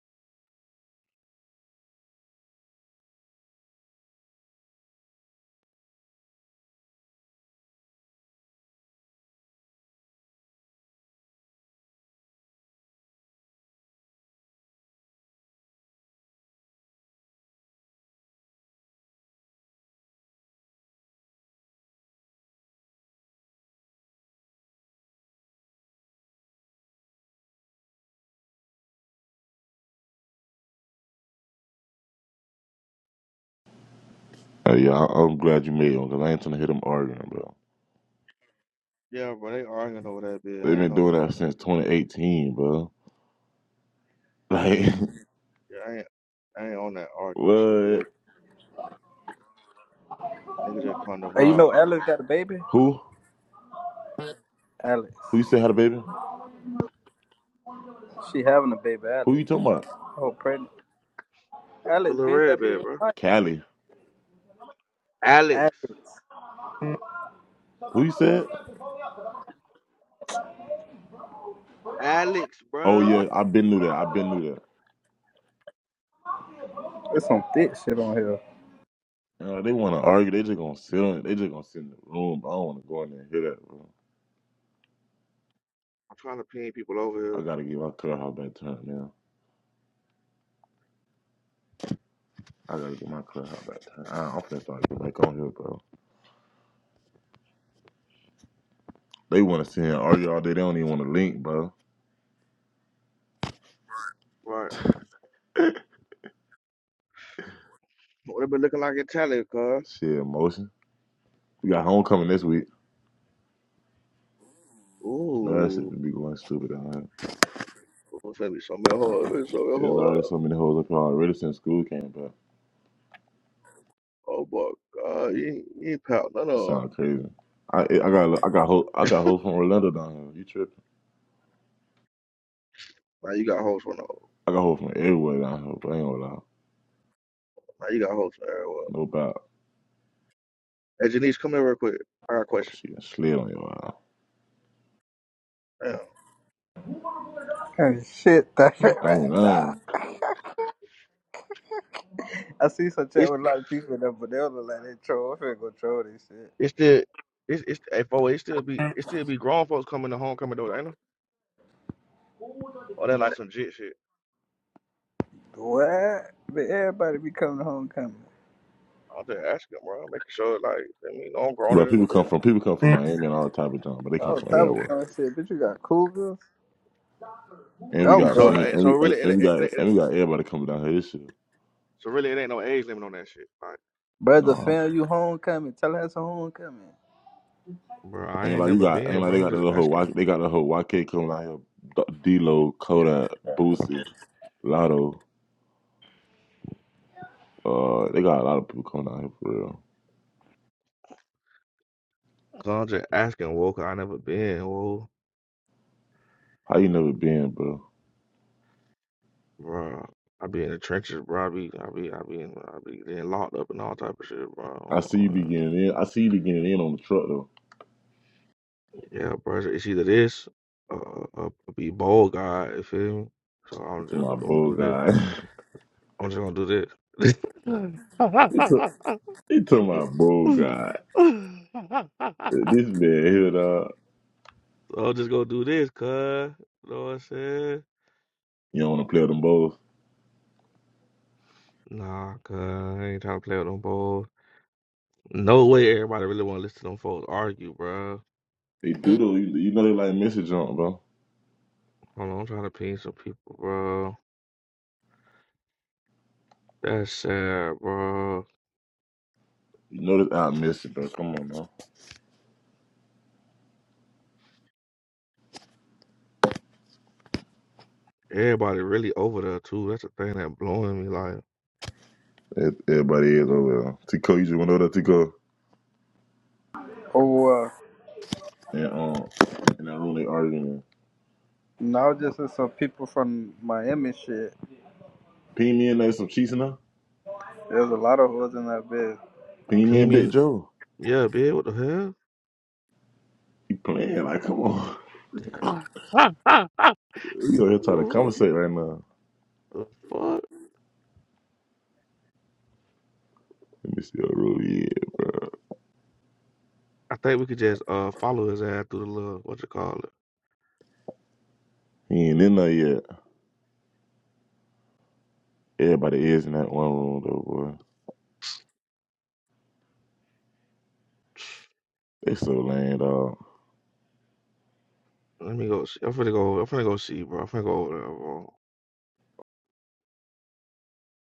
Uh, yeah, I- I'm glad you made one because I ain't trying to hit them arguing, bro. Yeah, bro, they arguing over that bitch. They've I ain't been on doing that. that since 2018, bro. Like, Yeah, I ain't, I ain't on that arguing shit what? today. Niggas just calling the Hey, you vibe. know Alex got a baby? Who? Alex. Who you said had a baby? She having a baby, Who Alex. you talking about? Oh, pregnant. The, the Alex, little bitch, red that be bit, bro. right. Callie. Alex. Alex. Who you said? Alex, Oh bro. yeah, I've been knew that. I've been knew that. There's some thick shit on here. You know, they want to argue. They just gonna sit on. They just gonna sit in the room. But I don't want to go in there and hear that, bro. I'm trying to pin people over I here. gotta get my clubhouse back turned now. I gotta get my clubhouse back turned. I, I'm finna start getting back on here, bro. They want to sit here and argue all day. They don't even want to link, bro. Right. What it been looking like in Tally, cuz? Shit, emotion. We got homecoming this week. No, that shit Ooh. would be going stupid. Huh? It's gonna be so many hard. It's so many There's already so hard. many hoes up here already since school came back. Oh, my God. You ain't, you ain't pout none You of 'em. sound crazy. I I got I got hoes I got hoes from Orlando down here. You tripping? Now you got hoes for no. I got hoes from everywhere down here. But I ain't gonna lie. Now you got hoes for everywhere. No doubt. Hey, Janice, come here real quick. I got a Oh question. she I slid on your ass. Damn. Kind shit that fit I right ain't lying. now. I see some chat with a lot of people in there, but they don't look like they troll. I'm finna go troll this shit. It's still it's it's hey, for it still be it still be grown folks coming to homecoming though, ain't it? Or that like some jit shit. What? But everybody be coming to homecoming. I'm just asking, bro. Making sure like I mean I'm grown But in the people come bill. from people come from Miami and all type of junk, but they come Oh, from type of everywhere. kind of shit. Bitch, you got cougars? And we I'm got So so drunk. many eh, and so we and, really it, and it, we it, got it- and we got everybody coming down here this year. so really it ain't no age limit on that shit. Like Brother, Nah. fam, you homecoming. Tell us a homecoming. bro, I Ain't ain't like you never got ain't been, like they bro. I'm got the just whole Y asking. they got the whole YK coming out here D Lo, Kodak, Boosie, Lotto. Uh, they got a lot of people coming out here for real. Cause I'm just asking, whoa, 'cause I never been, whoa, How you never been, bro? bro. I be in the trenches, bro. I be I be I be in, I be getting locked up and all type of shit, I see you bro. be getting in. I see you be getting in on the truck though. Yeah, bro. It's it's either this or, or, or be bold, God. You feel me? So I'm, It's just- my I'm gonna bull do this. guy. I'm just gonna do this. it's a, it's my bull guy. This man here, so dog. I'm just gonna do this, cuz. You know what I'm saying? You don't want to play with them bulls. Nah, cuz. I ain't trying to play with them boys. No way everybody really wanna listen to them folks argue, bro. They do though. You, you know they like missing jump, bro. Hold on, I'm trying to ping some people, bro. That's sad, bro. You know that I miss it, bro. Come on, bro. Everybody really over there, too. That's the thing that blowing me. Like, Ev- Everybody is over there. Tico, you just went over there, Tico. Oh, uh, And um, in that room they arguing. in. no, just with some people from Miami shit. Ping me in there some cheese in there. There's a lot of holes in that bed. Ping me ping and me in Big Joe. Yeah, bitch, what the He playing like, come on. hell? We over here trying to conversate right now. What the fuck? Let me see a room yet. I think we could just uh follow his ass through the little what you call it. He ain't in there yet. Everybody is in that one room though, boy. They so lame, dog. Let me go. See. I'm finna go. I'm finna go see, bro. I'm finna go over there, bro.